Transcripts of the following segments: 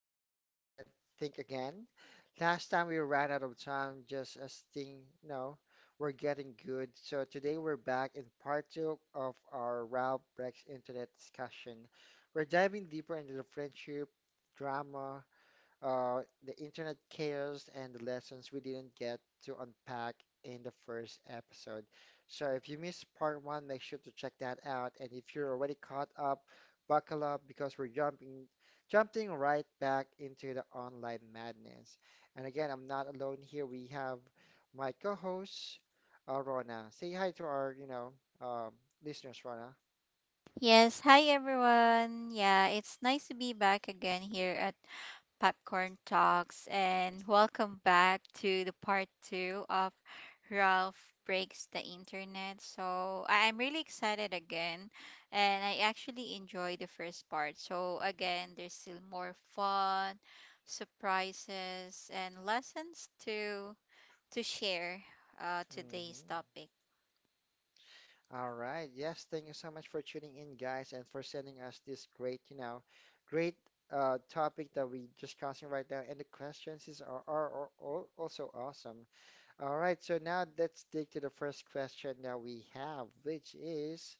breaking the internet, think again. Last time we ran out of time, just as thing, no, we're getting good. So today we're back in part two of our Ralph breaks internet discussion. We're diving deeper into the friendship, drama, the internet chaos and the lessons we didn't get to unpack in the first episode. So if you missed part one, make sure to check that out. And if you're already caught up, buckle up because we're jumping right back into the online madness. And again, I'm not alone here. We have my co-host, Rona. Say hi to our, um listeners, Rona. Yes, hi everyone. Yeah, it's nice to be back again here at Popcorn Talks and welcome back to the part 2 of Ralph Breaks the Internet. So, I'm really excited again and I actually enjoy the first part. So, again, there's still more fun, surprises and lessons to share today's hmm topic. All right. Yes, thank you so much for tuning in, guys, and for sending us this great topic that we discussing right now. And the questions are also awesome. All right. So now let's dig to the first question that we have, which is,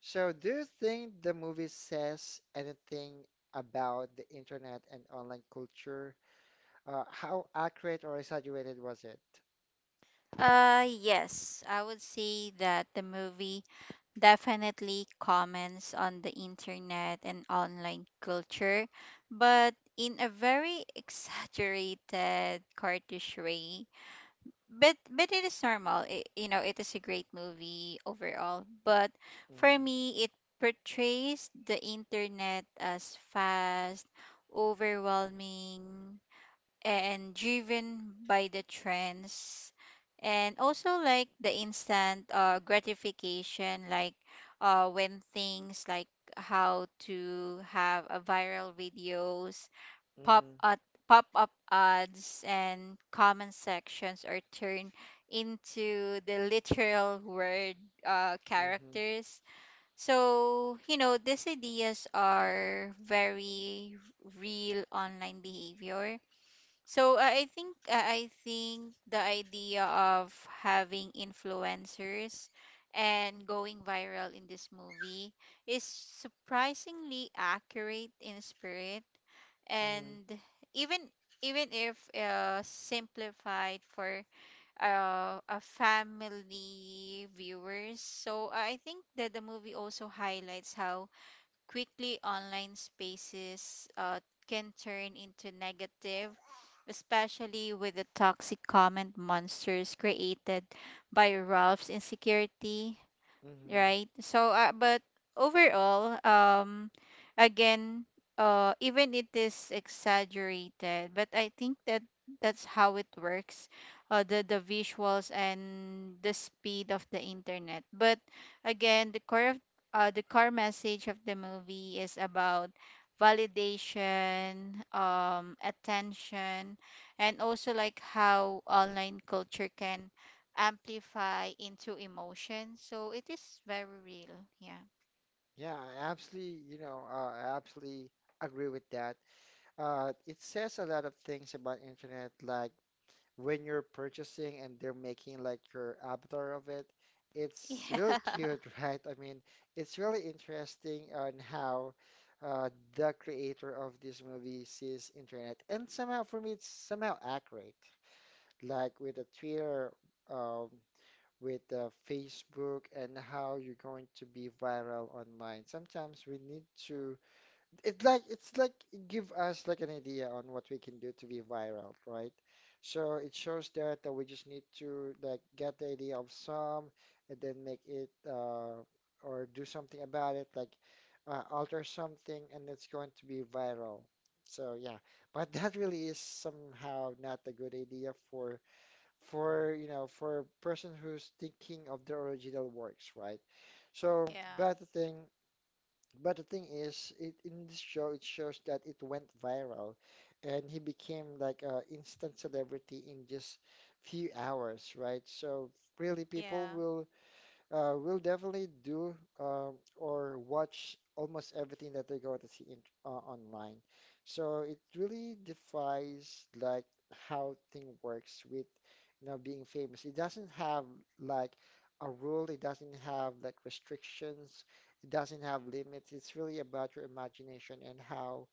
so do you think the movie says anything about the internet and online culture? How accurate or exaggerated was it? Yes, I would say that the movie definitely comments on the internet and online culture, but in a very exaggerated, cartoonish way. But it is normal. It is a great movie overall. But for Mm-hmm. me, it portrays the internet as fast, overwhelming, and driven by the trends and also like the instant gratification, like when things like how to have a viral videos, pop up pop up ads and comment sections are turned into the literal word Mm-hmm. Mm-hmm. characters. So, these ideas are very real online behavior. So I think the idea of having influencers and going viral in this movie is surprisingly accurate in spirit, Mm-hmm. and even even if simplified for a family viewers. So I think that the movie also highlights how quickly online spaces can turn into negative, especially with the toxic comment monsters created by Ralph's insecurity, Mm-hmm. right? So, but overall, again, even it is exaggerated, but I think that that's how it works, the visuals and the speed of the internet. But again, the core of the core message of the movie is about validation, attention, and also like how online culture can amplify into emotion. So it is very real. Yeah. Yeah, I absolutely, I absolutely agree with that. It says a lot of things about internet, like when you're purchasing and they're making like your avatar of it. It's really cute, right? I mean, it's really interesting on how uh, the creator of this movie sees internet, and somehow for me, it's somehow accurate. Like with the Twitter, um, with Facebook and how you're going to be viral online. Sometimes we need to, it's like give us like an idea on what we can do to be viral, right? So it shows there that we just need to like get the idea of some and then make it, or do something about it, like alter something and it's going to be viral. So yeah, but that really is somehow not a good idea for, for for a person who's thinking of the original works, right? So, Yeah. But the thing is, it, in this show it shows that it went viral, and he became like a instant celebrity in just few hours, right? So really, Yeah. people will, we'll definitely do uh, or watch almost everything that they're going to see in, online. So it really defies like how thing works with you know being famous. It doesn't have like a rule. It doesn't have like restrictions. It doesn't have limits. It's really about your imagination and how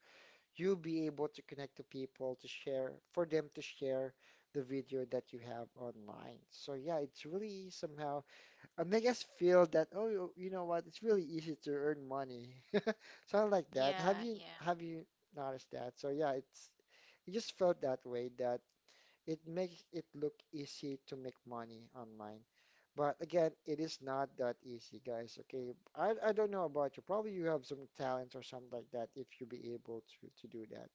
you'll be able to connect to people to share, for them to share the video that you have online. So yeah, it's really somehow and make us feel that, oh, you know what, it's really easy to earn money something like that. Yeah. have you Yeah. have you noticed that? So yeah, it's, it just felt that way that it makes it look easy to make money online, but again it is not that easy, guys, okay? I don't know about you, probably you have some talents or something like that if you be able to do that.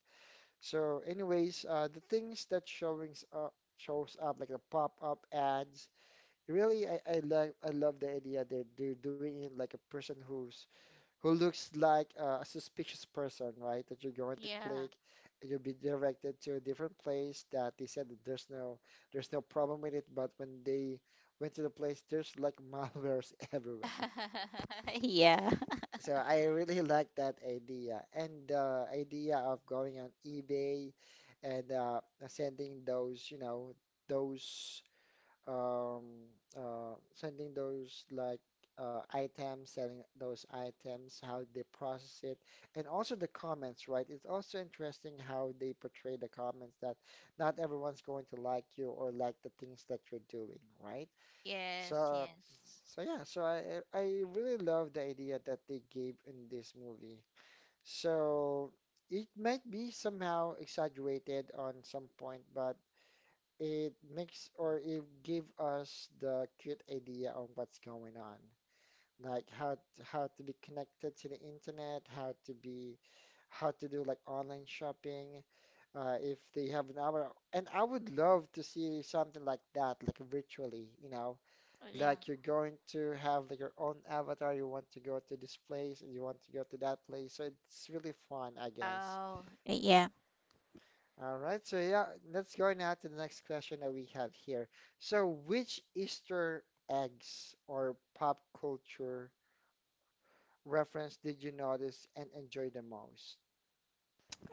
So anyways, the things that showings up, shows up like the pop-up ads. Really, I love the idea, they're doing it like a person who's who looks like a suspicious person, right? That you're going to Yeah. click, and you'll be directed to a different place that they said that there's no, there's no problem with it, but when they went to the place, there's like malwares everywhere. Yeah. Yeah. So I really like that idea, and the idea of going on eBay and sending those, you know, those um, sending those like items, selling those items, how they process it, and also the comments, right? It's also interesting how they portray the comments, that not everyone's going to like you or like the things that you're doing, right? Yes. So, Yes. so yeah, so I I really love the idea that they gave in this movie. So it might be somehow exaggerated on some point, but it makes, or it give us the cute idea on what's going on, like how to be connected to the internet, how to be, how to do like online shopping, if they have an hour. And I would love to see something like that, like virtually, you know, Yeah. like you're going to have like your own avatar, you want to go to this place and you want to go to that place. So it's really fun, I guess. Oh. Yeah. All right, so yeah, let's go now to the next question that we have here. So, which Easter eggs or pop culture reference did you notice and enjoy the most?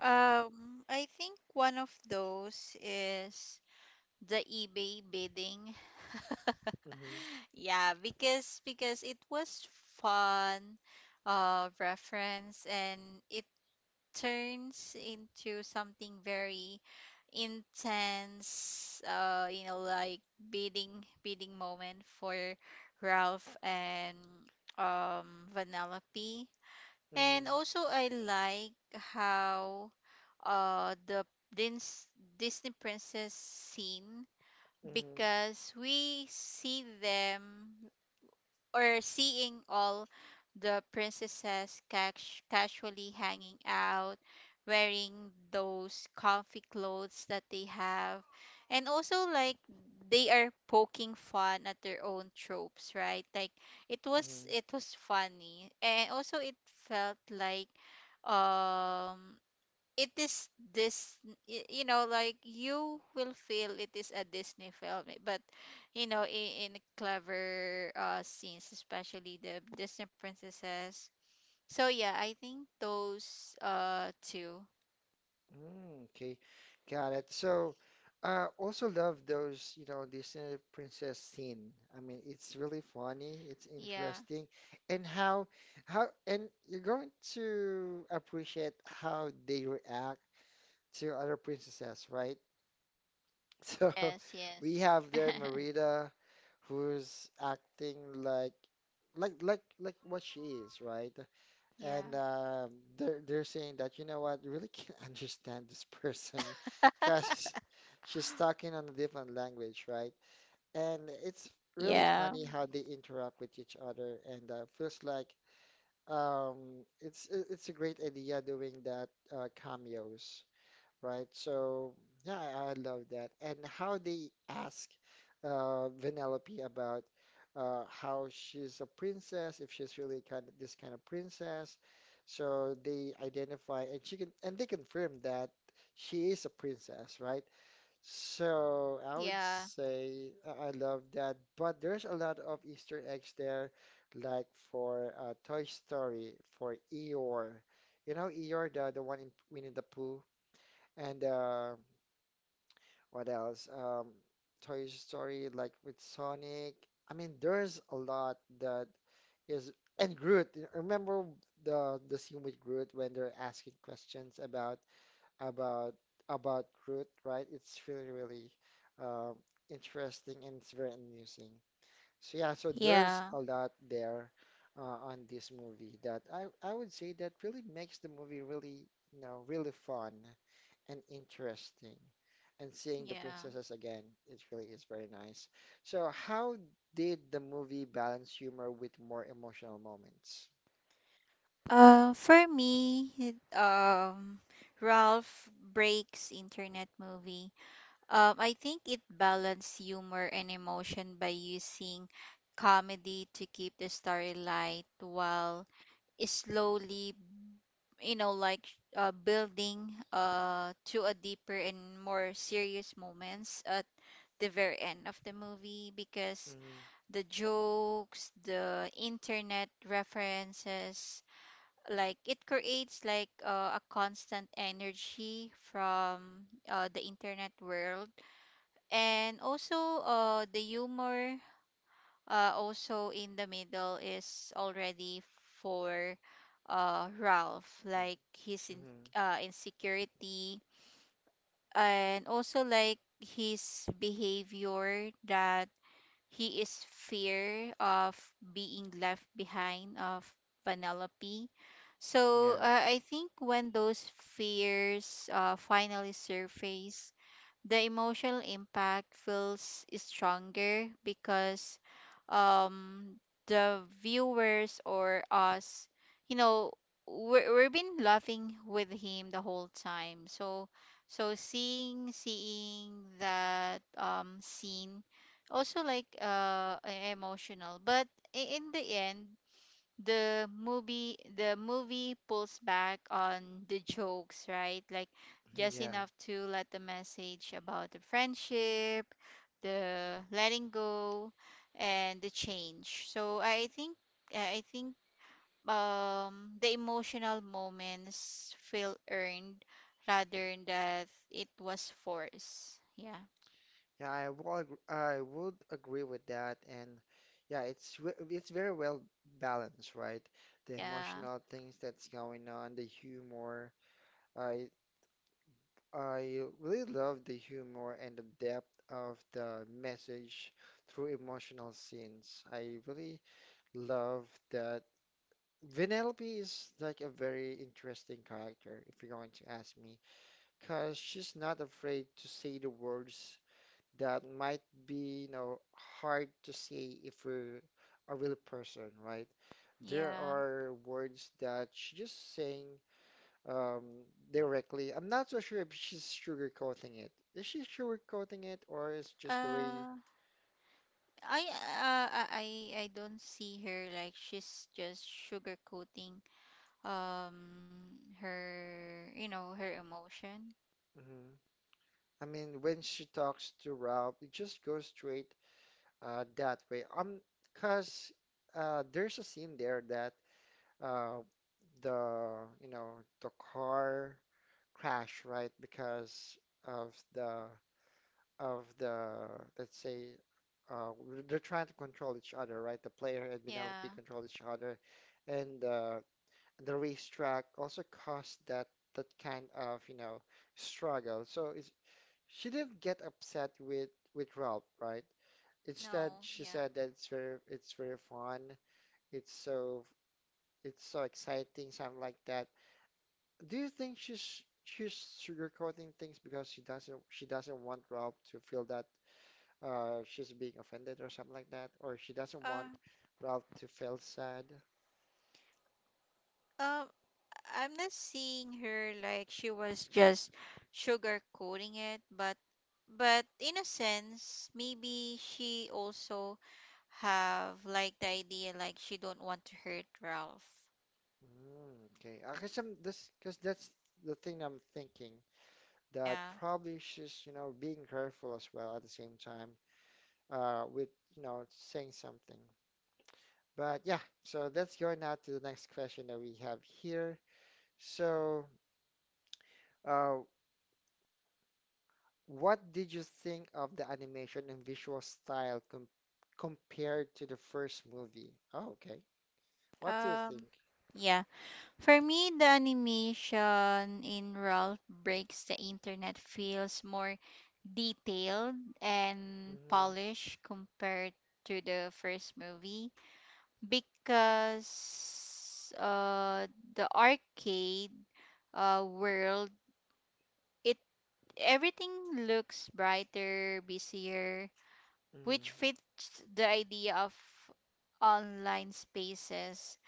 I think one of those is the eBay bidding. Mm-hmm. Yeah, because it was fun reference, and it turns into something very intense, like bidding bidding moment for Ralph and Vanellope. Mm-hmm. And also I like how the Dis- Disney princess scene, Mm-hmm. because we see them or seeing all the princesses cash, casually hanging out, wearing those comfy clothes that they have. And also, like, they are poking fun at their own tropes, right? Like, it was Mm-hmm. it was funny, and also it felt like um it is this you know, like, you will feel it is a Disney film, eh, but in clever scenes, especially the Disney princesses. So yeah, I think those two. Mm, okay, got it. So, also love those, you know, Disney princess scene. I mean, it's really funny, it's Yeah. interesting, and how and you're going to appreciate how they react two other princesses, right? So Yes. Yes. we have there Merida, who's acting like, like what she is, right? Yeah. And they're saying that you know what, you really can't understand this person, because she's talking on a different language, right? And it's really Yeah. funny how they interact with each other, and feels like, um, it's a great idea doing that cameos, right? So yeah, I love that. And how they ask Vanellope about how she's a princess, if she's really kind of this kind of princess. So they identify, and she can, and they confirm that she is a princess, right? So I Yeah. would say I love that. But there's a lot of Easter eggs there, like for Toy Story, for Eeyore. You know Eeyore, the one in Winnie the Pooh. And what else? Toy Story, like with Sonic. I mean, there's a lot that is, and Groot. Remember the scene with Groot when they're asking questions about, about about Groot, right? It's really uh, interesting and it's very amusing. So yeah, so there's Yeah. a lot there on this movie that I would say that really makes the movie really, you know, really fun and interesting. And seeing the yeah princesses again, it really is very nice. So how did the movie balance humor with more emotional moments? For me, Ralph Breaks Internet movie. I think it balanced humor and emotion by using comedy to keep the story light while slowly, like, building to a deeper and more serious moments at the very end of the movie, because Mm-hmm. the jokes, the internet references, like it creates like a constant energy from the internet world. And also, the humor also in the middle is already for Ralph, like his Mm-hmm. Insecurity and also like his behavior that he is fear of being left behind of Penelope. So, Yes. I think when those fears finally surface, the emotional impact feels stronger, because um the viewers or us, you know we've been laughing with him the whole time. So seeing that scene, also, like, emotional. But in the end, the movie pulls back on the jokes, right? Like, just Yeah. enough to let the message about the friendship, the letting go, and the change. So I think the emotional moments feel earned rather than that it was forced. Yeah. Yeah, I would agree with that, and yeah, it's very well balanced, right? The Yeah. emotional things that's going on, the humor. I I really love the humor and the depth of the message through emotional scenes. I really love that. Vanellope is like a very interesting character, if you're going to ask me, because she's not afraid to say the words that might be, you know, hard to say if we're a real person, right? There Yeah. are words that she's just saying um, directly. I'm not so sure if she's sugarcoating it. Is she sugarcoating it, or is just the way? Uh I uh, I I I don't see her like she's just sugarcoating her, her emotion. Mhm. I mean, when she talks to Ralph, it just goes straight that way. Cause there's a scene there that uh, the you know the car crash, right? Because of the, of the let's say uh, they're trying to control each other, right? The player and Penelope Yeah. control each other, and the racetrack also caused that, that kind of you know struggle. So it's, she didn't get upset with Ralph, right? Instead, No. she Yeah. said that it's very fun. It's so it's so exciting, something like that. Do you think she's sugarcoating things because she doesn't want Ralph to feel that she's being offended or something like that, or she doesn't want Uh. Ralph to feel sad? Um. I'm not seeing her like she was just sugarcoating it, but in a sense, maybe she also have like the idea like she don't want to hurt Ralph. Mm, okay, I guess I'm this because that's the thing I'm thinking, that Yeah. probably she's you know being careful as well at the same time with you know saying something. But yeah, so let's go now to the next question that we have here. So. Uh, What did you think of the animation and visual style compared to the first movie? Oh, okay. What do you think? Um. Yeah. For me, the animation in Ralph Breaks the Internet feels more detailed and Mm-hmm. polished compared to the first movie, because the arcade world, it everything looks brighter, busier, Mm. which fits the idea of online spaces.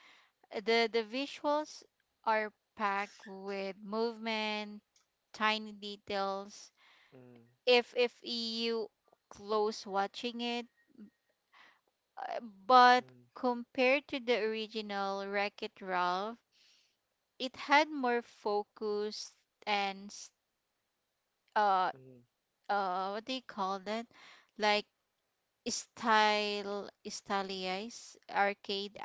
The visuals are packed with movement, tiny details, Mm. if you close watching it. But Mm. compared to the original Wreck-It Ralph, it had more focus and s- uh what do you call that like, style stylized arcade.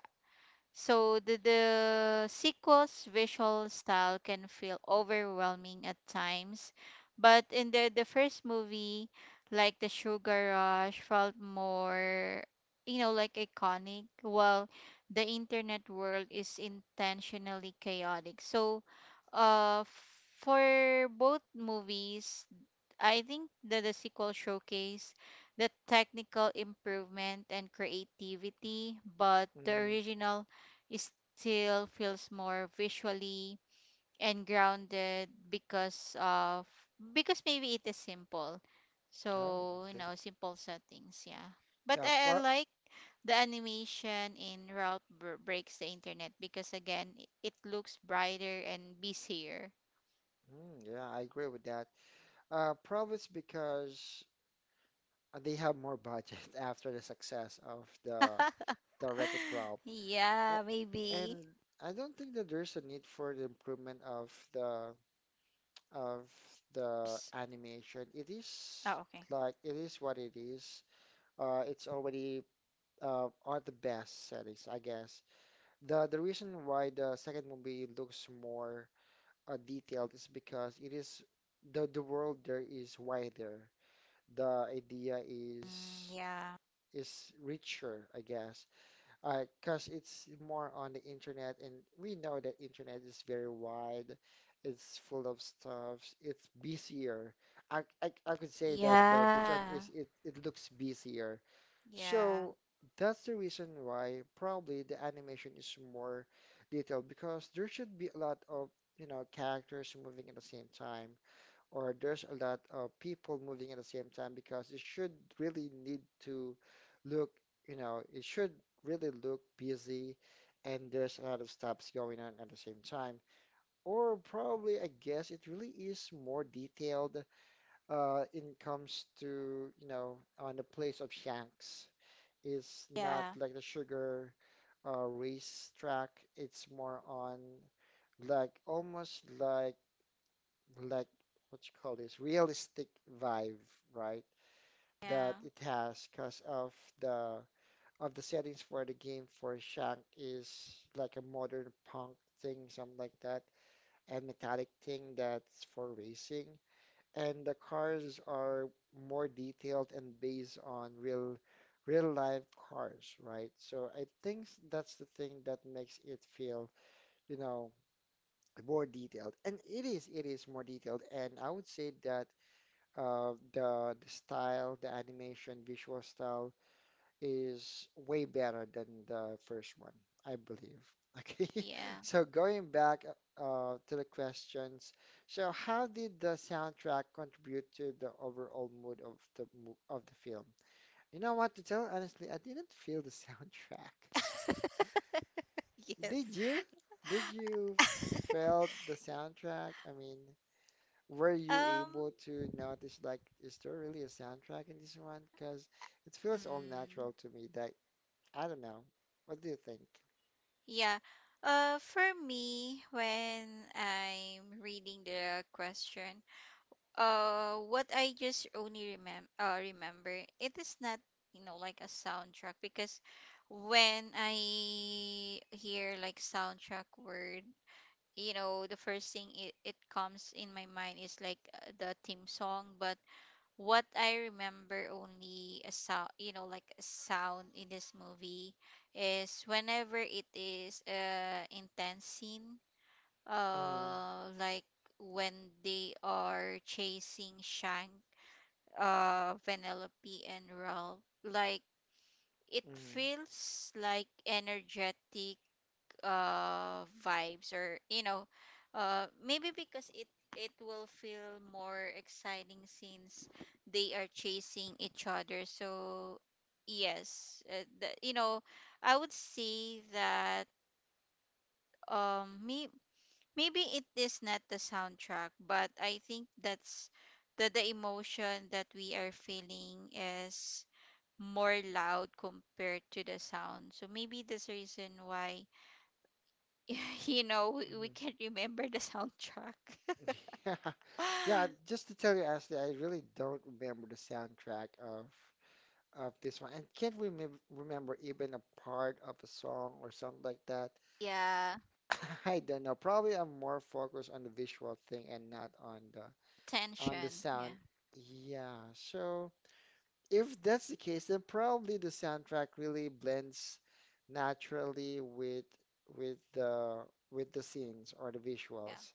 So the sequel's visual style can feel overwhelming at times, but in the first movie, like the Sugar Rush felt more, like, iconic, while the internet world is intentionally chaotic. So, uh, for both movies, I think that the sequel showcase the technical improvement and creativity, but Mm. the Mm. original is still feels more visually and grounded, because of because maybe it is simple. Oh, So, you okay. know, simple settings, yeah. But Yeah, I pro like the animation in Breaks the Internet, because again, it looks brighter and busier. Mm, yeah, I agree with that. Probably it's because they have more budget after the success of the Wreck-It Ralph. Yeah, A- maybe. And I don't think that there's a need for the improvement of the, of the S- animation, it is Oh, okay. like it is what it is. It's already on the best settings, I guess. The reason why the second movie looks more detailed is because it is, the world there is wider. The idea is Mm, yeah. is richer, I guess. All Because it's more on the internet, and we know that internet is very wide. It's full of stuff. It's busier. I could say that the term Yeah. is it looks busier. Yeah. So that's the reason why probably the animation is more detailed because there should be a lot of, characters moving at the same time or there's a lot of people moving at the same time because it should really need to look, it should really look busy and there's a lot of stops going on at the same time. Or probably, I guess it really is more detailed in comes to, on the place of Shanks. It's not Yeah. like the sugar race track. It's more on like almost like what you call this realistic vibe, right? That Yeah. it has because the of the settings for the game for Shank is like a modern punk thing, something like that, and metallic thing that's for racing. And the cars are more detailed and based on real life cars, right? So I think that's the thing that makes it feel, you know, more detailed. And it is more detailed. And I would say that the style, the animation, visual style is way better than the first one, I believe. Okay, Yeah. so going back to the questions, so how did the soundtrack contribute to the overall mood of the of the film? You know what to tell? Honestly, I didn't feel the soundtrack. Yes. Did you? Did you felt the soundtrack? I mean, were you able Um, to notice like is there really a soundtrack in this one? Because it feels all natural to mm, me that I don't know. What do you think? yeah. For me, when I'm reading the question, what I just only remember, it is not, like a soundtrack. Because when I hear like soundtrack word, the first thing it comes in my mind is like the theme song. But what I remember only a sound, like a sound in this movie, is whenever it is a intense scene, Mm-hmm. Like when they are chasing Shank, Penelope and Ralph, like it Mm-hmm. feels like energetic vibes. Or you know, maybe because it will feel more exciting since they are chasing each other. So yes, the, you know I would say that um may, maybe it is not the soundtrack, but I think that's the emotion that we are feeling is more loud compared to the sound. So maybe this reason why you know, we can remember the soundtrack. Yeah, yeah. Just to tell you, Ashley, I really don't remember the soundtrack of this one, and can't remember even a part of a song or something like that. Yeah, I don't know. Probably I'm more focused on the visual thing and not on the on the tension. sound. Yeah, Yeah. So, if that's the case, then probably the soundtrack really blends naturally with the with the scenes or the yeah, visuals.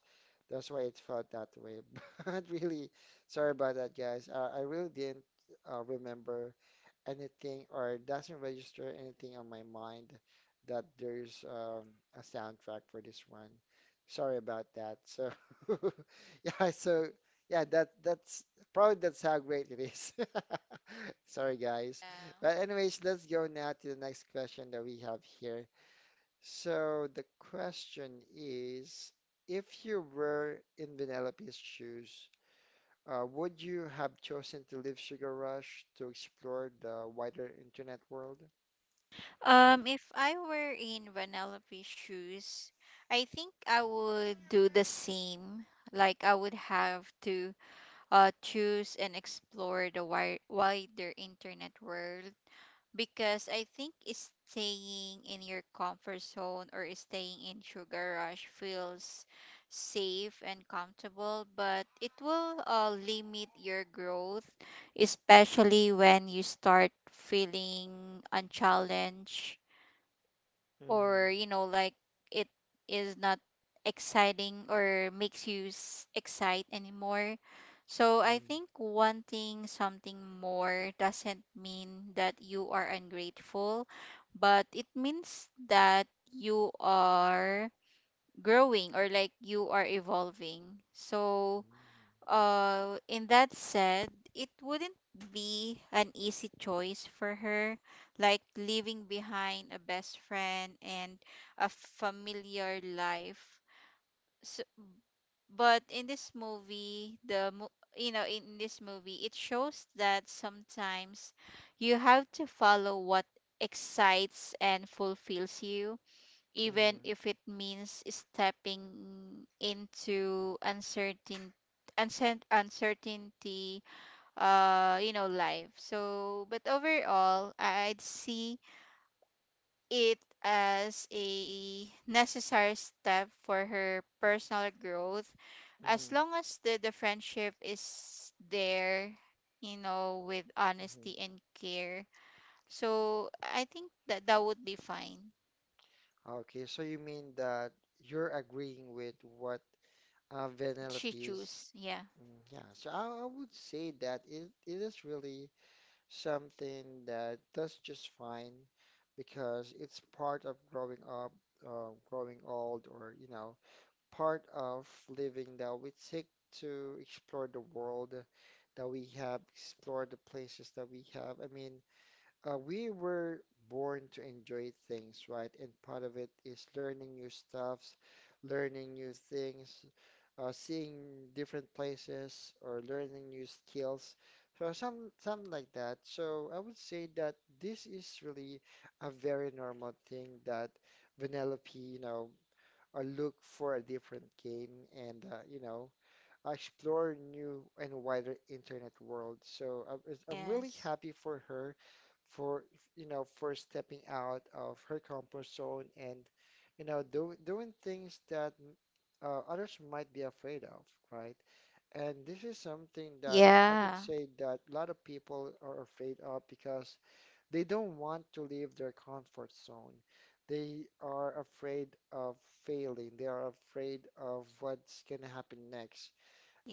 That's why it felt that way. But really, sorry about that, guys. I really didn't remember anything or doesn't register anything on my mind that there's a soundtrack for this one. Sorry about that. So yeah, so yeah, that's probably that's how great it is. Sorry guys. But anyways, let's go now to the next question that we have here. So the question is, if you were in Penelope's shoes, would you have chosen to leave Sugar Rush to explore the wider internet world? yeah. If I were in Vanellope's shoes, I think I would do the same. Like, I would have to choose and explore the wider internet world, because I think staying in your comfort zone or staying in Sugar Rush feels safe and comfortable, but it will limit your growth, especially when you start feeling unchallenged, Mm-hmm. or like it is not exciting or makes you excite anymore. So I Hmm, think wanting something more doesn't mean that you are ungrateful, but it means that you are growing, or like you are evolving. So, in that said, it wouldn't be an easy choice for her, like leaving behind a best friend and a familiar life. So, but in this movie, you know, in this movie, it shows that sometimes you have to follow what excites and fulfills you, even hmm, if it means stepping into uncertainty. Life. So, but overall I'd see it as a necessary step for her personal growth, as hmm. long as the friendship is there, with honesty and care. So I think that that would be fine, Okay, so you mean that you're agreeing with what that Vanellope she is? choose. Yeah. Mm, yeah, so I would say that it is really something that does just fine because it's part of growing up, growing old, or you know, part of living that we take to explore the world that we have, explore the places that we have. I mean, we were born to enjoy things, right? And part of it is learning new stuffs, learning new things, seeing different places, or learning new skills. So something like that. So I would say that this is really a very normal thing that Vanellope, you know, or look for a different game and explore new and wider internet world. So I'm really Yes. happy for her for for stepping out of her comfort zone and doing things that others might be afraid of, right? And this is something that I could Yeah, say that a lot of people are afraid of because they don't want to leave their comfort zone. They are afraid of failing. They are afraid of what's going to happen next.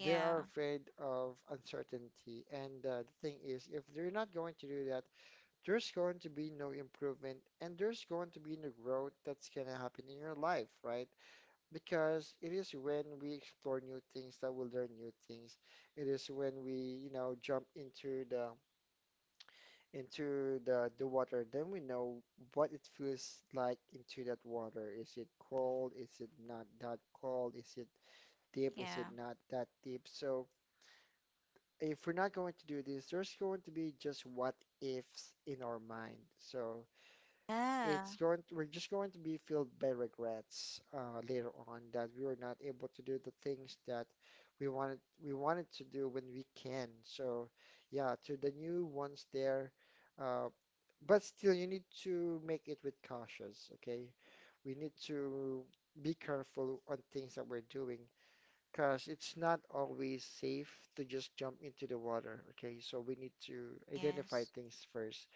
They are afraid of uncertainty. And the thing is, if they're not going to do that, there's going to be no improvement and there's going to be no growth that's going to happen in your life, right? Because it is when we explore new things that we learn new things. It is when jump into the into the water, then we know what it feels like into that water. Is it cold? Is it not that cold? Is it deep? Is it yeah, not that deep? So if we're not going to do this, there's going to be just what ifs in our mind. So it's yeah, going to, we're just going to be filled by regrets later on that we were not able to do the things that we wanted to do when we can. So yeah, to the new ones there, uh, but still you need to make it with cautious, okay? We need to be careful on things that we're doing because it's not always safe to just jump into the water, okay? So we need to identify yes, things first.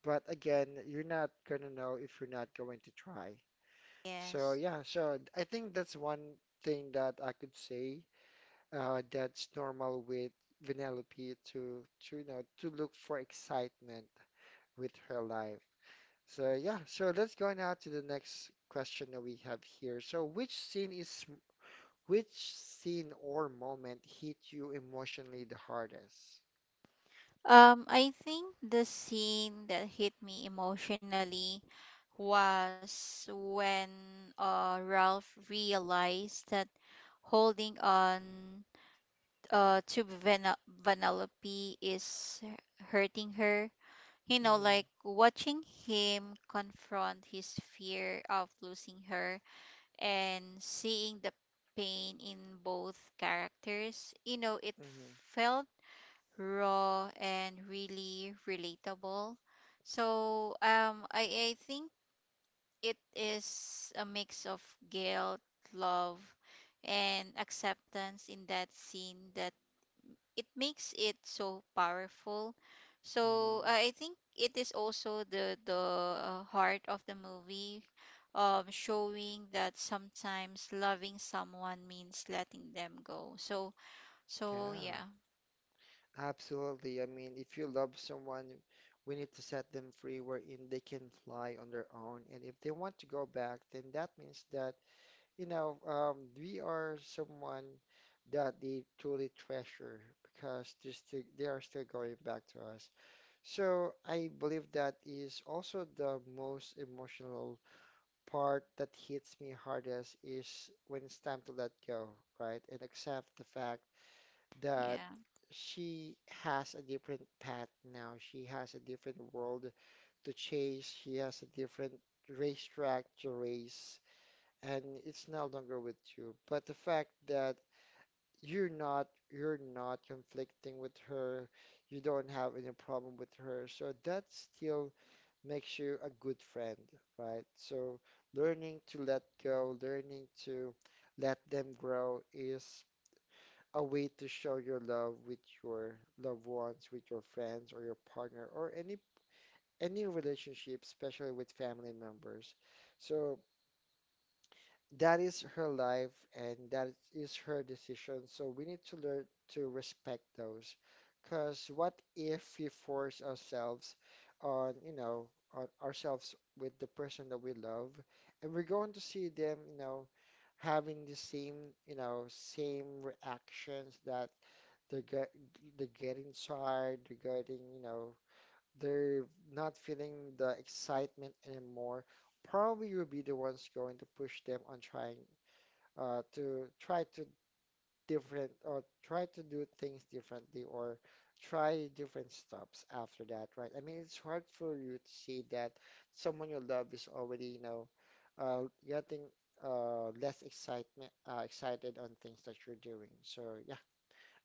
But again, you're not gonna know if you're not going to try. So yes. yeah, so I think that's one thing that I could say that's normal with Vanellope to you know to look for excitement with her life. So yeah, so let's go now to the next question that we have here. So which scene is which scene or moment hit you emotionally the hardest? I think the scene that hit me emotionally was when Ralph realized that holding on to Vanellope is hurting her. You know, Mm-hmm, like watching him confront his fear of losing her, and seeing the pain in both characters. You know, it mm-hmm, felt raw and really relatable. So I think it is a mix of guilt, love, and acceptance in that scene that it makes it so powerful. So mm-hmm. I think it is also the heart of the movie, showing that sometimes loving someone means letting them go. So, Yeah. Yeah. Absolutely. I mean, if you love someone, we need to set them free wherein they can fly on their own. And if they want to go back, then that means that, you know, we are someone that they truly treasure because they are still going back to us. So I believe that is also the most emotional part that hits me hardest is when it's time to let go, right? And accept the fact yeah that she has a different path now. She has a different world to chase. She has a different racetrack to race, and it's no longer with you. But the fact that you're not conflicting with her, you don't have any problem with her, so that still makes you a good friend, right? So learning to let go, learning to let them grow is a way to show your love with your loved ones, with your friends or your partner or any relationship, especially with family members. So that is her life and that is her decision. So we need to learn to respect those. Because what if we force ourselves on, you know, on ourselves with the person that we love, and we're going to see them, you know, having the same, you know, same reactions that they're get, they're getting tired, they're getting, you know, they're not feeling the excitement anymore, probably you'll be the ones going to push them on trying to try to different or try to do things differently or try different stops after that, right? I mean, it's hard for you to see that someone you love is already, you know, getting less excitement excited on things that you're doing. So yeah,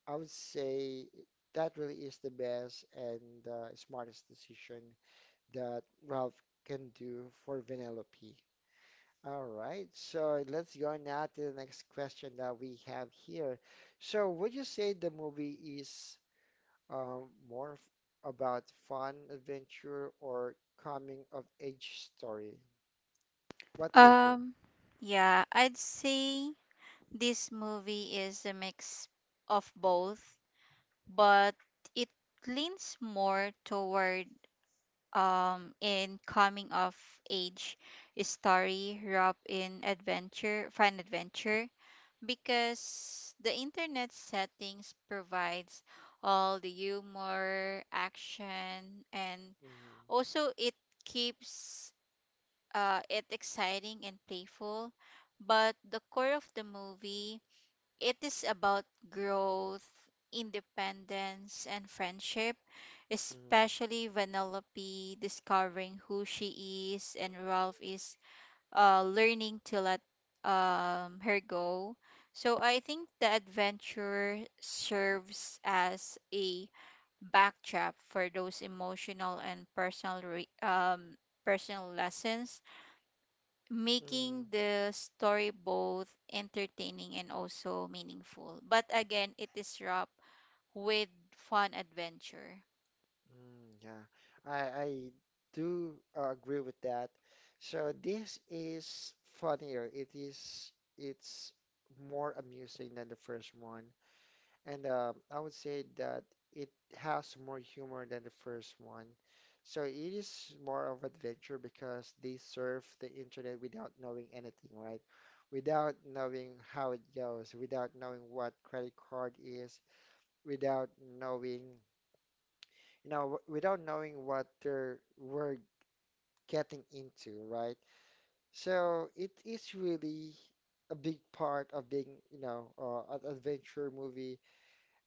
I would say that really is the best and smartest decision that Ralph can do for Vanellope. All right, so let's go now to the next question that we have here. So, would you say the movie is um, more about fun, adventure, or coming of age story? What do you think? um yeah, I'd say this movie is a mix of both, but it leans more toward in coming of age story, Rob in adventure, fun adventure, because the internet settings provides all the humor, action, and Hmm, also it keeps it exciting and playful. But the core of the movie, it is about growth, independence, and friendship, hmm, especially Vanellope discovering who she is and Ralph is learning to let her go. So I think the adventure serves as a backdrop for those emotional and personal personal lessons, making hmm. the story both entertaining and also meaningful. But again, it is wrapped with fun adventure. Mm, yeah, I do agree with that. So this is funnier. It is it's more amusing than the first one, and I would say that it has more humor than the first one. So it is more of adventure because they surf the internet without knowing anything, right? Without knowing how it goes, without knowing what credit card is, without knowing without knowing what they're we're getting into, right? So it is really a big part of being, you know, an adventure movie.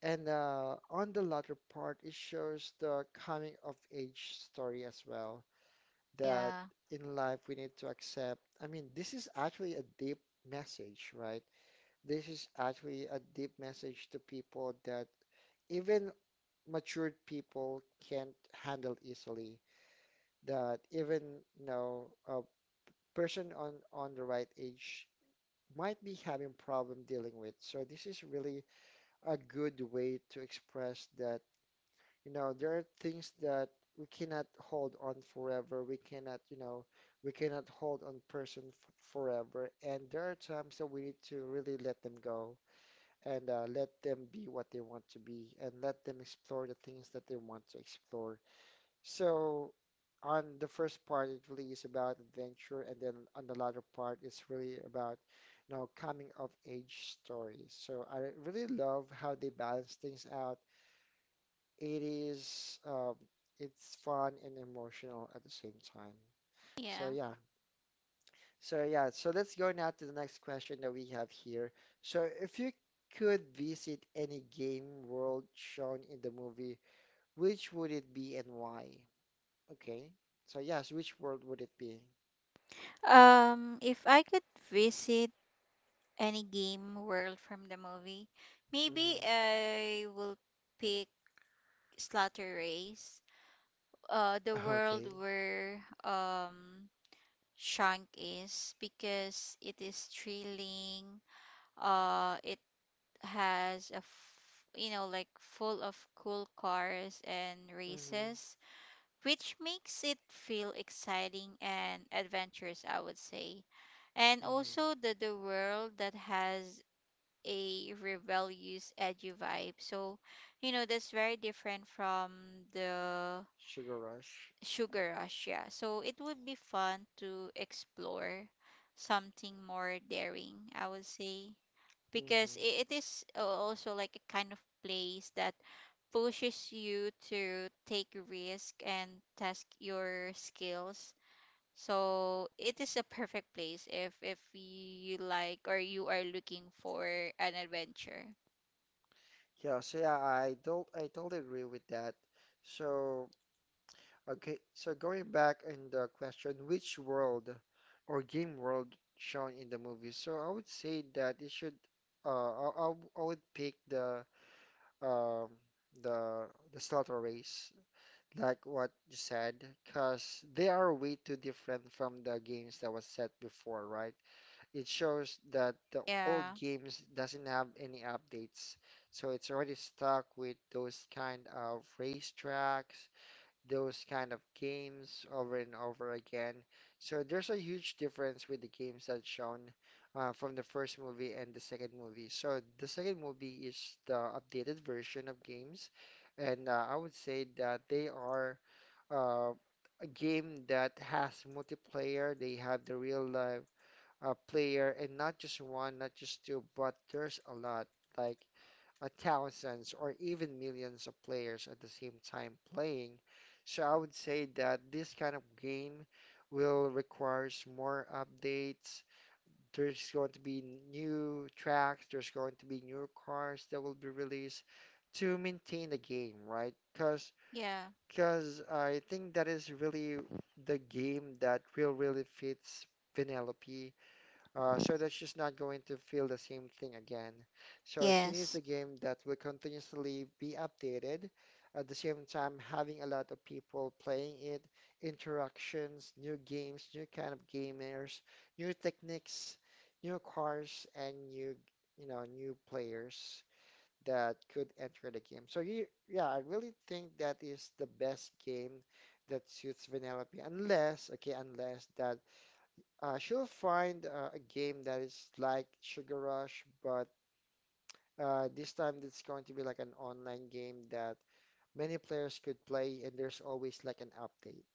And on the latter part, it shows the coming of age story as well. That Yeah. in life we need to accept. I mean, this is actually a deep message, right? This is actually a deep message to people that even matured people can't handle easily, that even you know a person on the right age might be having problem dealing with. So this is really a good way to express that you know there are things that we cannot hold on forever. We cannot you know we cannot hold on person f forever, and there are times that we need to really let them go. And let them be what they want to be, and let them explore the things that they want to explore. So on the first part, it really is about adventure, and then on the latter part, it's really about, you know, coming of age stories. So I really love how they balance things out. It is, it's fun and emotional at the same time. So Yeah. yeah, so let's go now to the next question that we have here. So if you could visit any game world shown in the movie, which would it be and why? Okay. So yes, which world would it be? If I could visit any game world from the movie, maybe Mm-hmm. I will pick Slaughter Race, the world Okay. where um Shank is, because it is thrilling. It has a full of cool cars and Mm-hmm. races, which makes it feel exciting and adventurous, I would say. And also Mm-hmm. the world that has a rebellious, edgy vibe. So that's very different from the Sugar Rush. Sugar Rush. Yeah. So it would be fun to explore something more daring, I would say, because Mm-hmm. it is also like a kind of place that pushes you to take risk and test your skills. So it is a perfect place if you like or you are looking for an adventure. Yeah, so yeah, I don't I totally agree with that. So, okay, so going back in the question, which world or game world shown in the movie? So I would say that it should uh I I I would pick the um the Slaughter Race, like what you said, because they are way too different from the games that was set before, right? It shows that the Yeah. old games doesn't have any updates, so it's already stuck with those kind of racetracks, those kind of games over and over again. So there's a huge difference with the games that's shown from the first movie and the second movie. So the second movie is the updated version of games, and I would say that they are uh, a game that has multiplayer. They have the real life player, and not just one, not just two, but there's a lot, like thousands or even millions of players at the same time playing. So I would say that this kind of game will requires more updates. There's going to be new tracks. There's going to be new cars that will be released to maintain the game, right? Because Yeah. because I think that is really the game that will really fits Penelope, so that she's not going to feel the same thing again. So she Yes. needs a game that will continuously be updated, at the same time having a lot of people playing it, interactions, new games, new kind of gamers, new techniques, new cars, and new, you know, new players that could enter the game. So you, yeah, I really think that is the best game that suits Vanellope, unless, okay, unless that she'll find a game that is like Sugar Rush, but this time it's going to be like an online game that many players could play, and there's always like an update.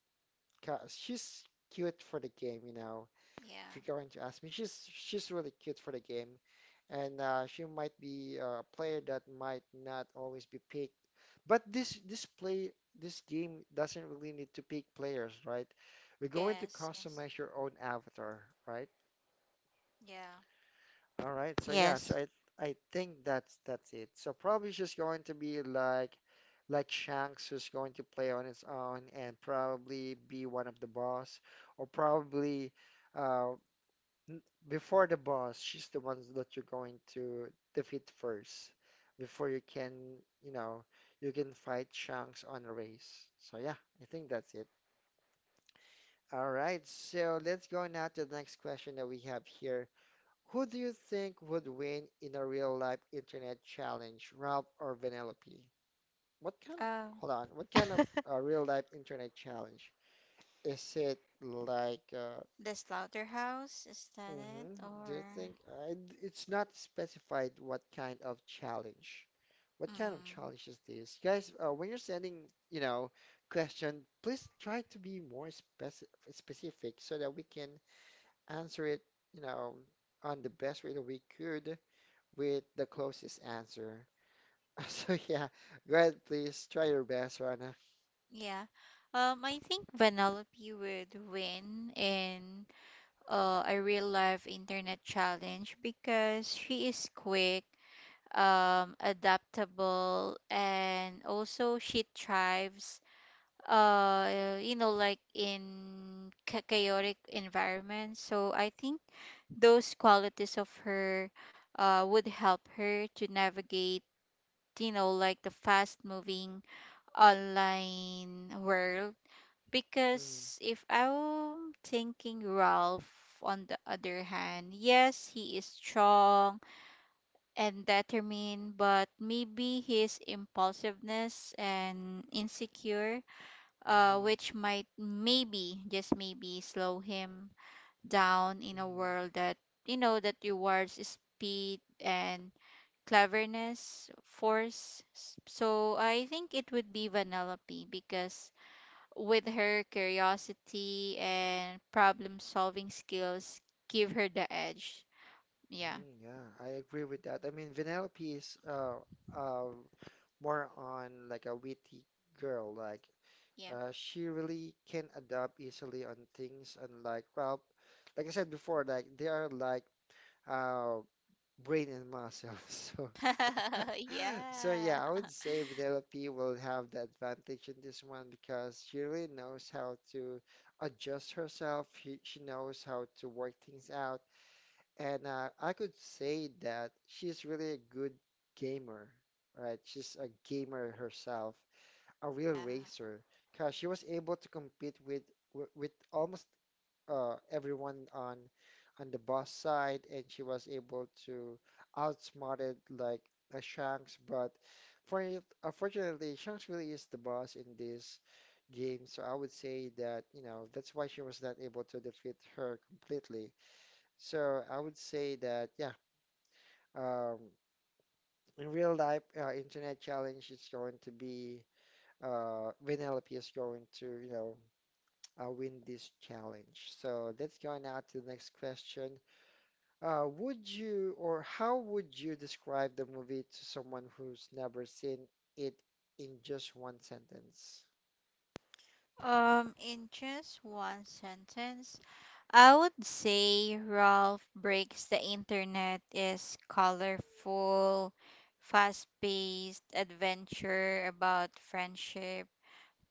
'Cause she's cute for the game, you know, Yeah. going to ask me, she's really cute for the game, and she might be a player that might not always be picked. But this game doesn't really need to pick players, right? We're going to Yes. Yes. customize your own avatar, right? Yeah. All right. So Yes. yeah. So I think that's it. So probably she's going to be like Shanks, who's going to play on its own and probably be one of the boss, or probably uh, n- before the boss, she's the ones that you're going to defeat first before you can, you know, you can fight Shanks on a race. So yeah, I think that's it. All right, so let's go now to the next question that we have here. Who do you think would win in a real life internet challenge, Ralph or Vanellope? What kind of, Um, hold on, what kind of a real life internet challenge? Is it like the slaughterhouse, is that it? hmm. Do you Or think I, it's not specified what kind of challenge? What kind of mm. challenge is this? Guys, when you're sending, you know, question, please try to be more specific so that we can answer it, you know, on the best way that we could with the closest answer. So yeah, go ahead, please try your best, Rana. Yeah. I think Vanellope would win in a real life internet challenge because she is quick, adaptable, and also she thrives, in chaotic environments. So I think those qualities of her would help her to navigate, the fast moving online world. Because if I'm thinking Ralph, on the other hand, yes, he is strong and determined, but maybe his impulsiveness and insecure, Mm-hmm, which might maybe, just maybe, slow him down in a mm-hmm. world that, that rewards speed and cleverness, force. So I think it would be Vanellope because with her curiosity and problem solving skills give her the edge. Yeah. Mm, yeah, I agree with that. I mean, Vanellope is uh, more on like a witty girl. Like Yeah. She really can adapt easily on things, and like well, like I said before, like they are like uh, brain and muscles. So, Yeah. so yeah, I would Yeah. say Vanellope will have the advantage in this one because she really knows how to adjust herself. She knows how to work things out and I could say that she's really a good gamer, right? She's a gamer herself, a real racer, because she was able to compete with with almost everyone on the boss side, and she was able to outsmart it like a Shanks. But for, unfortunately, Shanks really is the boss in this game, so I would say that you know that's why she was not able to defeat her completely. So I would say that yeah, um, in real life, internet challenge is going to be Vanellope is going to you know win this challenge. So let's go now to the next question. Would you or how would you describe the movie to someone who's never seen it in just one sentence? In just one sentence, I would say Ralph Breaks the Internet is colorful, fast paced adventure about friendship,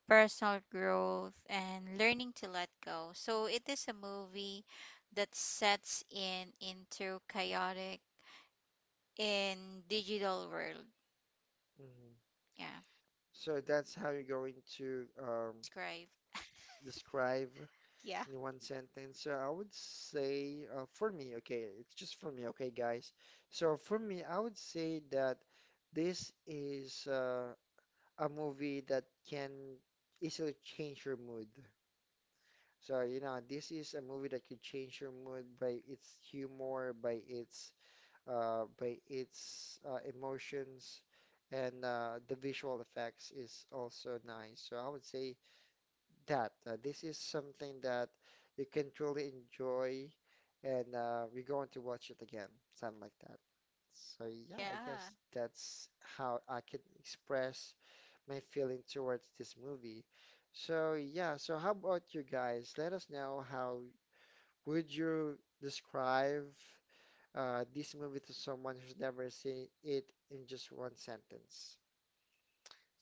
personal growth, and learning to let go. So it is a movie that sets in into chaotic in digital world. Hmm. Yeah, So that's how you're going to describe. describe. Yeah. In one sentence, so I would say for me, okay, it's just for me, okay, guys. So for me, I would say that this is a movie that can easily change your mood. So, you know, this is a movie that could change your mood by its humor, by its emotions, and the visual effects is also nice. So I would say that. This is something that you can truly enjoy, and we're going to watch it again, something like that. So yeah, I Yeah. guess that's how I can express my feeling towards this movie. So yeah, so how about you guys? Let us know how would you describe this movie to someone who's never seen it in just one sentence.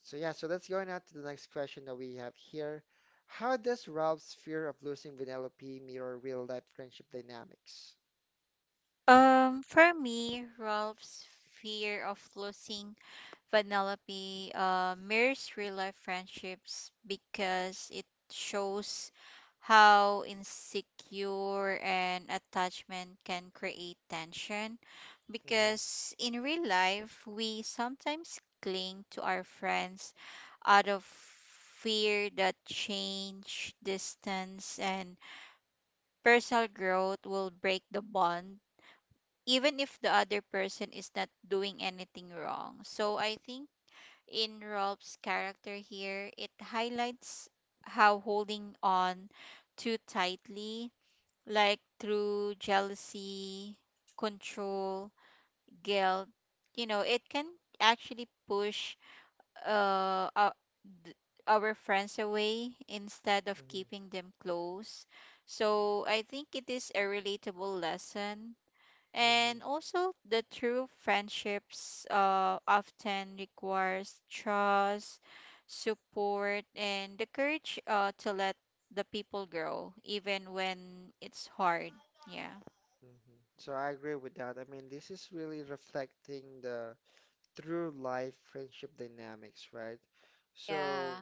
So yeah, so let's going on to the next question that we have here. How does Ralph's fear of losing Vanellope mirror real life friendship dynamics? For me, Ralph's fear of losing Vanellope mirrors real life friendships because it shows how insecure an attachment can create tension. Hmm. Because in real life, we sometimes cling to our friends out of fear that change, distance, and personal growth will break the bond even if the other person is not doing anything wrong. So I think in Rob's character here, it highlights how holding on too tightly, like through jealousy, control, guilt, it can actually push uh, uh, th- our friends away instead of Hmm. keeping them close. So I think it is a relatable lesson. Hmm. And also, the true friendships often requires trust, support, and the courage to let the people grow, even when it's hard. Yeah. Hmm. So I agree with that. I mean, this is really reflecting the true life friendship dynamics, right? Yeah. So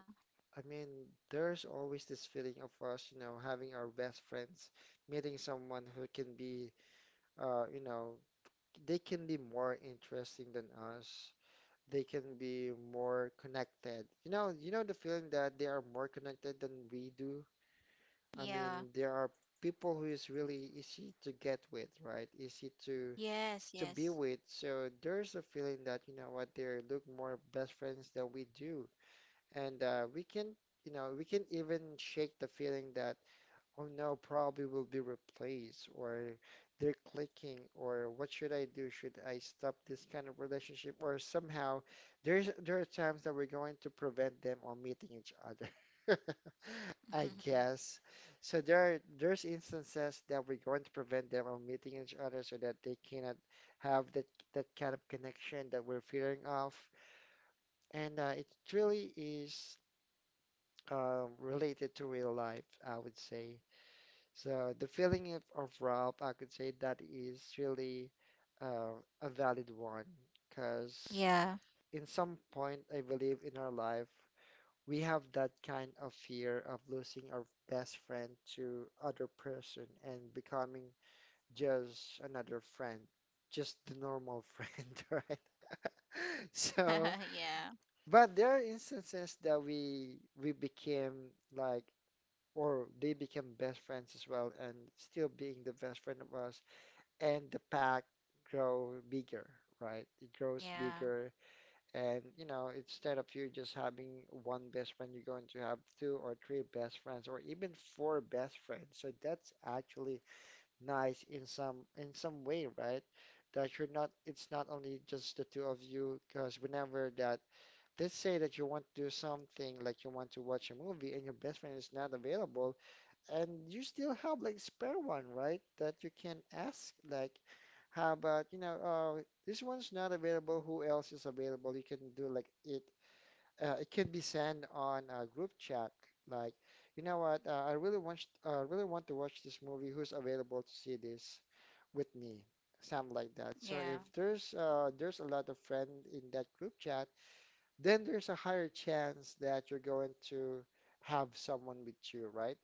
I mean, there's always this feeling of us, you know, having our best friends, meeting someone who can be, you know, they can be more interesting than us, they can be more connected. You know the feeling that they are more connected than we do. I Yeah. mean, there are people who is really easy to get with, right? Easy to Yes. Yes. be with. So there's a feeling that, you know what, they look more best friends than we do. And we can, you know, we can even shake the feeling that oh no, probably will be replaced, or they're clicking, or what should I do? Should I stop this kind of relationship? Or somehow, there are times that we're going to prevent them on meeting each other. I guess. So there are, there's instances that we're going to prevent them from meeting each other so that they cannot have that kind of connection that we're fearing of. And it really is related to real life, I would say. So the feeling of Ralph, I could say that is really uh, a valid one because Yeah. in some point, I believe in our life, we have that kind of fear of losing our best friend to other person and becoming just another friend, just the normal friend, right? So, Yeah. but there are instances that we became like, or they became best friends as well, and still being the best friend of us and the pack grow bigger, right? It grows Yeah. bigger, and you know, instead of you just having one best friend, you're going to have two or three best friends, or even four best friends. So that's actually nice in some way, right? That you're not, it's not only just the two of you, because whenever that, let's say that you want to do something, like you want to watch a movie, and your best friend is not available and you still have like spare one, right? That you can ask like, how about, you know, this one's not available. Who else is available? You can do like it. It can be sent on a group chat. Like, you know what? Really want to watch this movie. Who's available to see this with me? Something like that. So Yeah. if there's there's a lot of friend in that group chat, then there's a higher chance that you're going to have someone with you, right?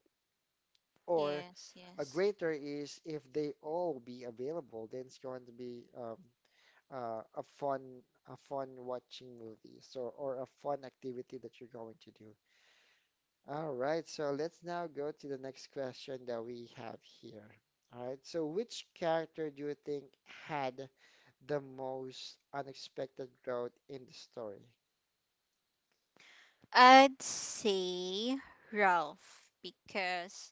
Or Yes. a Yes. greater is if they all be available, then it's going to be uh, a fun a fun watching movie, so or a fun activity that you're going to do. All right, so let's now go to the next question that we have here. All right, so which character do you think had the most unexpected growth in the story? I'd say Ralph because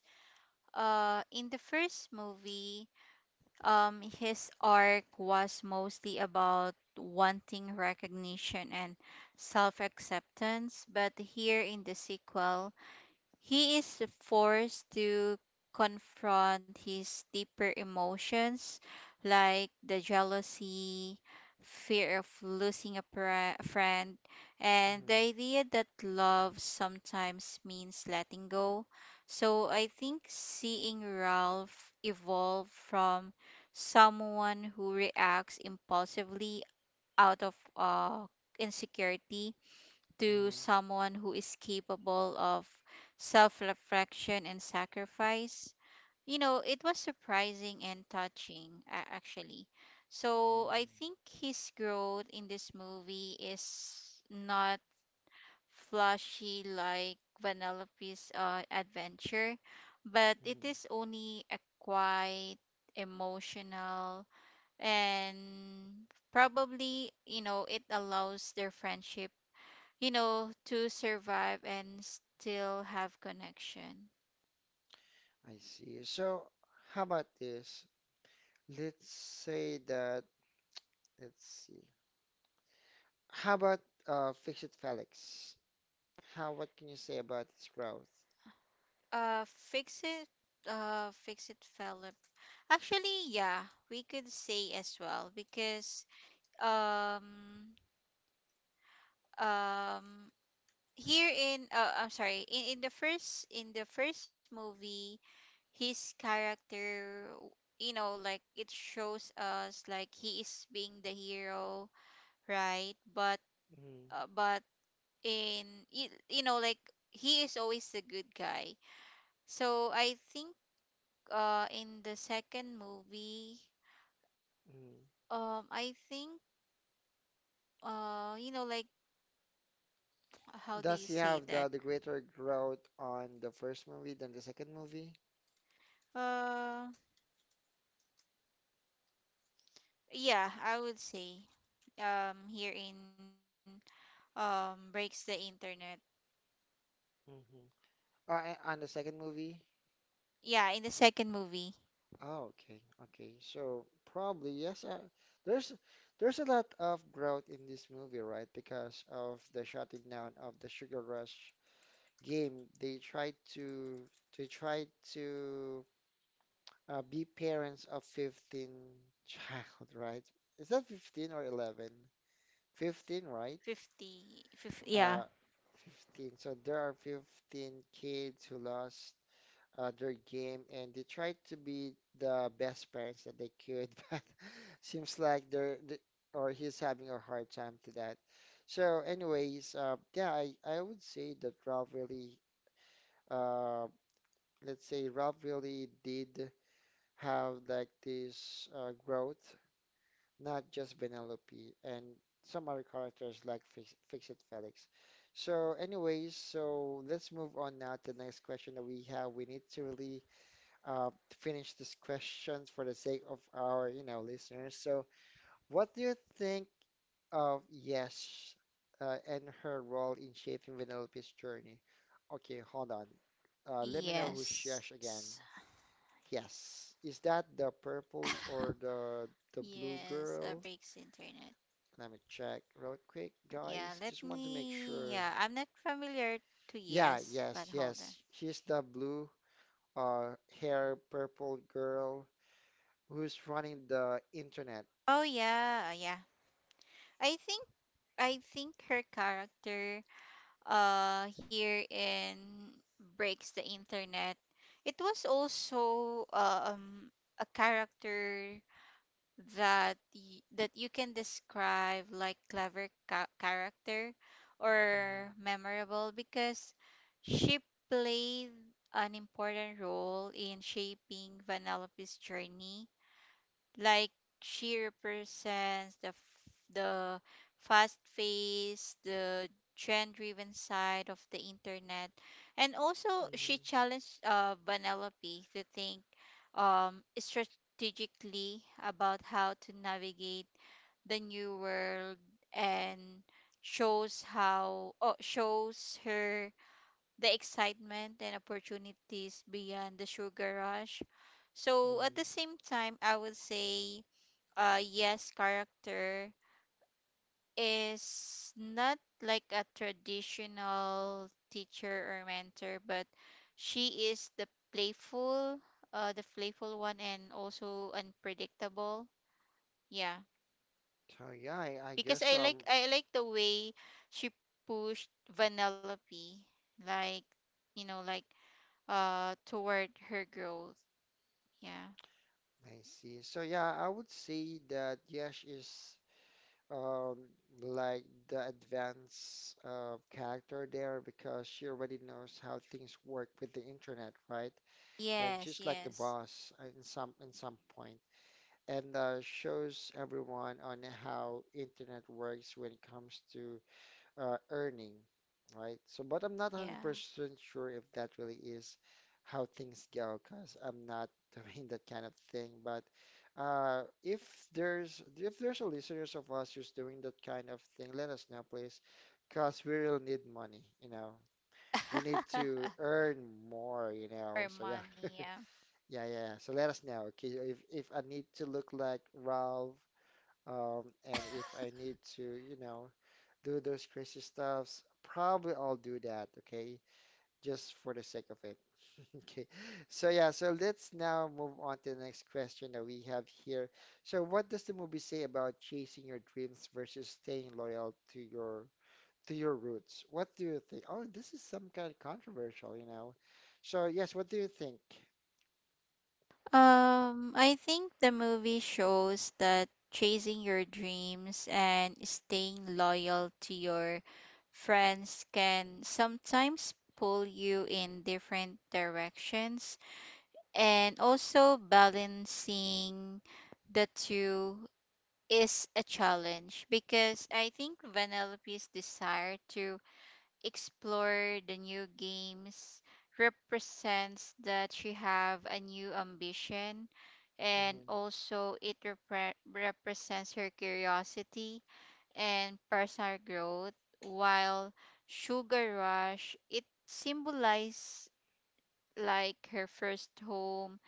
in the first movie his arc was mostly about wanting recognition and self-acceptance, but here in the sequel he is forced to confront his deeper emotions like the jealousy, fear of losing a friend, and the Mhm. idea that love sometimes means letting go. So I think seeing Ralph evolve from someone who reacts impulsively out of insecurity to Mhm. someone who is capable of self reflection and sacrifice. You know, it was surprising and touching, actually. So I Mhm. think his growth in this movie is not flashy like Vanellope's adventure, but it Mhm. is only a quite emotional, and probably, you know, it allows their friendship to survive and still have connection. I see. So how about this? Let's say that, let's see. How about Fix It Felix? What can you say about his growth? Uh, fix it. Fix it, Philip. Actually, yeah, we could say as well because um um here in I'm sorry, in, in the first movie his character, it shows us like he is being the hero, right? But Mm. uh, but in you, you know like he is always the good guy. So I think in the second movie, Mm. I think you know like how do Does you he say have that? The greater growth on the first movie than the second movie? uh yeah, I would say here in Breaks the Internet. Mm-hmm. Or on the second movie? Yeah, in the second movie. Oh, okay, okay. So probably yes. There's there's a lot of growth in this movie, right? Because of the shutting down of the Sugar Rush game, they tried to be parents of 15 child, right? Is that 15 or 11? 15, right? Fifty fifty, Uh, yeah. 15. So there are 15 kids who lost their game and they tried to be the best parents that they could, but seems like or he's having a hard time to that. So anyways, yeah, I would say that Ralph really, uh, let's say Ralph really did have like this growth, not just Vanellope, and some other characters like Fix-It Felix. So, anyways, so let's move on now to the next question that we have. We need to really uh, finish this questions for the sake of our, you know, listeners. So, what do you think of Yes and her role in shaping Vanellope's journey? Okay, hold on. Let me know who's Yesh Yes. again. Yes, is that the purple or the blue Yes, girl? Breaks the Internet. Let me check real quick, Yeah, guys. let Just want to make me. sure. Yeah, I'm not familiar to Yeah, Yes, but yes, hold on. yes. She's the blue hair purple girl who's running the internet. Oh yeah, yeah. I think her character here in Breaks the Internet, it was also a character that that you can describe like clever character Mm-hmm. or memorable because she played an important role in shaping Vanellope's journey. Like she represents the the fast paced, the trend driven side of the internet. And also she Mm-hmm. challenged Vanellope to think strategically about how to navigate the new world and shows how, oh, shows her the excitement and opportunities beyond the Sugar Rush. So at the Mm-hmm. same time, I would say Yes character is not like a traditional teacher or mentor, but she is the playful, the playful one and also unpredictable. Yeah. So yeah, I Because guess so. Um I like the way she pushed Vanellope, like, you know, like toward her growth. Yeah. I see. So yeah, I would say that Yesh is um like the advanced character there because she already knows how things work with the internet, right? And Yes, she's like the yes. boss in some point, and shows everyone on how internet works when it comes to earning, right? So, but I'm not Yeah. 100% sure if that really is how things go, because I'm not doing that kind of thing. But if there's a listeners of us who's doing that kind of thing, let us know, please, because we'll need money, you know. We need to earn more, you For know. So yeah. money, yeah. Yeah, yeah, yeah. So let us know, okay? If I need to look like Ralph, and if I need to, you know, do those crazy stuffs, probably I'll do that, okay? Just for the sake of it. Okay. So yeah, so let's now move on to the next question that we have here. So what does the movie say about chasing your dreams versus staying loyal to your roots? What do you think? Oh, this is some kind of controversial, you know. So yes, what do you think? I think the movie shows that chasing your dreams and staying loyal to your friends can sometimes pull you in different directions, and also balancing the two is a challenge because I think Vanellope's desire to explore the new games represents that she have a new ambition, and Hmm. also represents her curiosity and personal growth, while Sugar Rush, it symbolizes like her first home,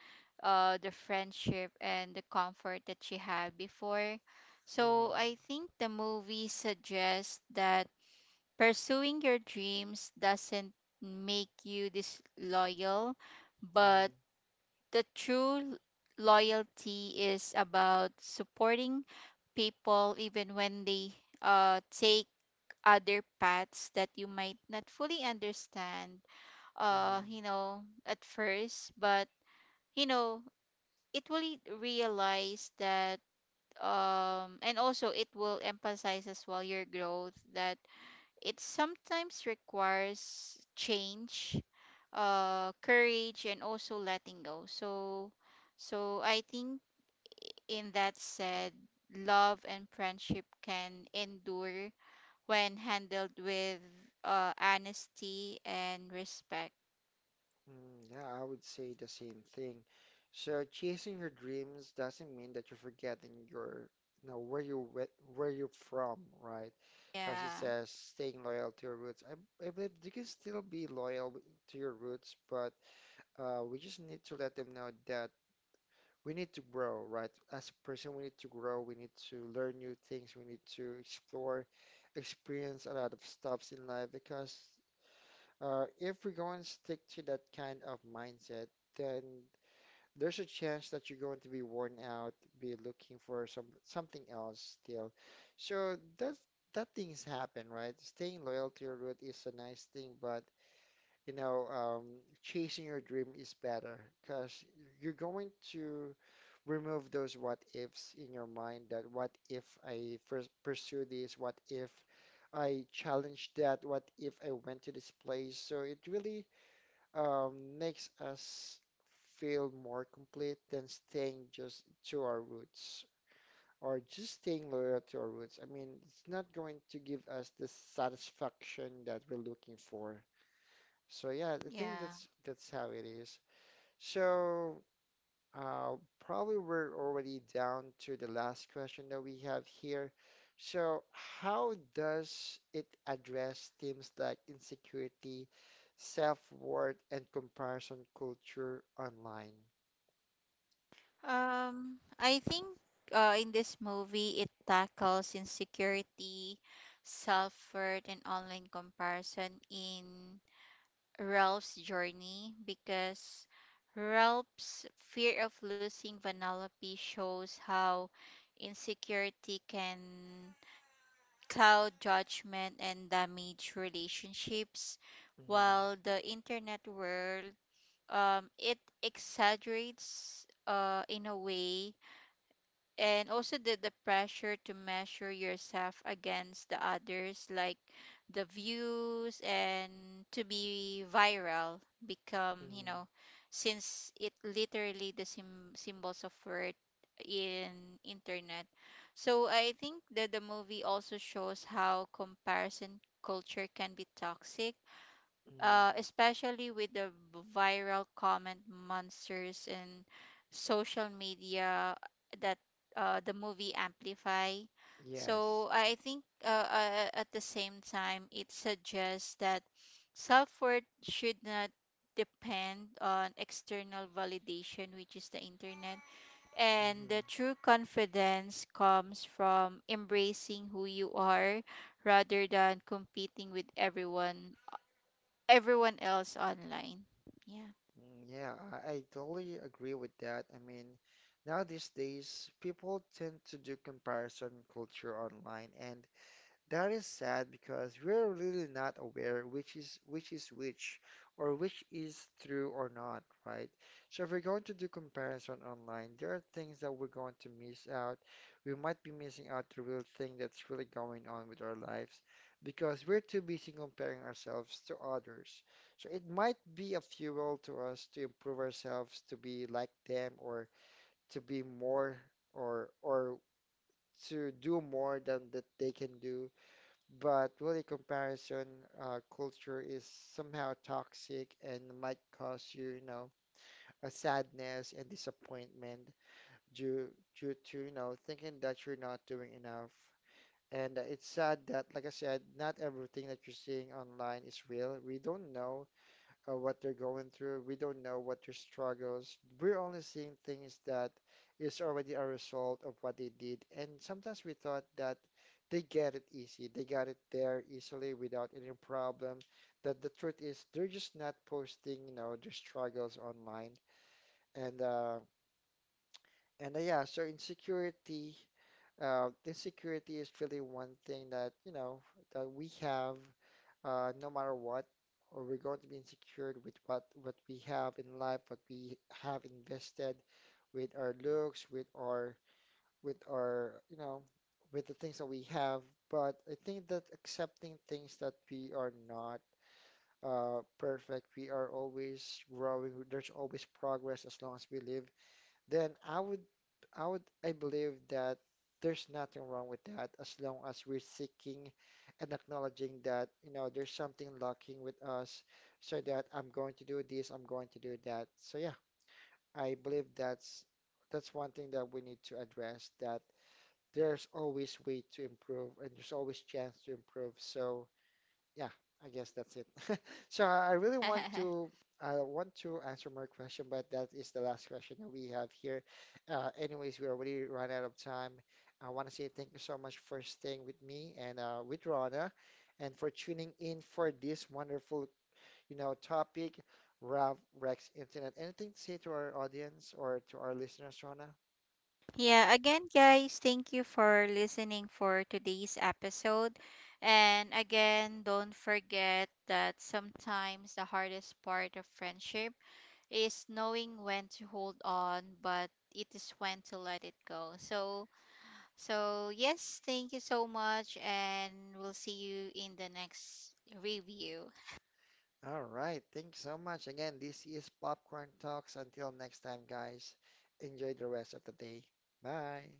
the friendship and the comfort that she had before. So Hmm. I think the movie suggests that pursuing your dreams doesn't make you disloyal, but Hmm. the true loyalty is about supporting people even when they take other paths that you might not fully understand, Mhm. you know, at first. But you know, it will realize that and also it will emphasize as well your growth, that it sometimes requires change, courage, and also letting go. So, so I think in that said, love and friendship can endure when handled with honesty and respect. Mm, yeah, I would say the same thing. So chasing your dreams doesn't mean that you're forgetting your, you know, where you're from, right? Because it Yeah, says staying loyal to your roots. I believe you can still be loyal to your roots, but we just need to let them know that we need to grow, right? As a person, we need to grow. We need to learn new things. We need to explore, experience a lot of stuffs in life because if we go and stick to that kind of mindset, then there's a chance that you're going to be worn out, be looking for something else still. So that things happen, right? Staying loyal to your root is a nice thing, but you know, chasing your dream is better because you're going to remove those what ifs in your mind, that what if I first pursue this, what if I challenge that, what if I went to this place? So it really um, makes us feel more complete than staying just to our roots or just staying loyal to our roots. I mean, it's not going to give us the satisfaction that we're looking for. So yeah, I think yeah. that's how it is. So uh, probably we're already down to the last question that we have here. So, how does it address themes like insecurity, self-worth, and comparison culture online? I think in this movie it tackles insecurity, self-worth, and online comparison in Ralph's journey. Because Ralph's fear of losing Vanellope shows how insecurity can cloud judgment and damage relationships, Mm-hmm. while the internet world, it exaggerates, in a way, and also the pressure to measure yourself against the others, like the views and to be viral become, you Mm-hmm. know, since it literally the symbols of worth in internet. So I think that the movie also shows how comparison culture can be toxic, Mm-hmm. especially with the viral comment monsters in social media that the movie amplify. Yes. So I think at the same time, it suggests that self-worth should not depend on external validation, which is the internet. And the Mm-hmm. true confidence comes from embracing who you are rather than competing with everyone else online. Yeah. Mm, yeah, I totally agree with that. I mean, now these days, people tend to do comparison culture online, and that is sad because we're really not aware which is which or which is true or not, right? So if we're going to do comparison online, there are things that we're going to miss out. We might be missing out the real thing that's really going on with our lives because we're too busy comparing ourselves to others. So it might be a fuel to us to improve ourselves, to be like them, or to be more, or to do more than that they can do, but really, comparison culture is somehow toxic and might cause you know, a sadness and disappointment due due to, you know, thinking that you're not doing enough. And it's sad that, like I said, not everything that you're seeing online is real. We don't know what they're going through. We don't know what their struggles. We're only seeing things that is already a result of what they did. And sometimes we thought that they get it easy. They got it there easily without any problem. That the truth is they're just not posting, you know, their struggles online. And yeah, so insecurity, insecurity is really one thing that, you know, that we have, no matter what, or we're going to be insecure with what we have in life, what we have invested, with our looks, with our, you know, with the things that we have. But I think that accepting things that we are not perfect, we are always growing. There's always progress as long as we live, then I believe that there's nothing wrong with that as long as we're seeking and acknowledging that, you know, there's something lacking with us, so that I'm going to do this, I'm going to do that. So yeah, I believe that's one thing that we need to address, that there's always way to improve and there's always chance to improve. So yeah, I guess that's it. So I really want to I want to answer more question, but that is the last question that we have here. Anyways, we already run out of time. I want to say thank you so much for staying with me and with Rana, and for tuning in for this wonderful, you know, topic, Rav Rex Internet. Anything to say to our audience or to our listeners, Rana? Yeah, again, guys, thank you for listening for today's episode. And again, don't forget that sometimes the hardest part of friendship is knowing when to hold on, but it is when to let it go. So, so yes, thank you so much, and we'll see you in the next review. All right. Thanks so much. Again, this is Popcorn Talks. Until next time, guys, enjoy the rest of the day. Bye.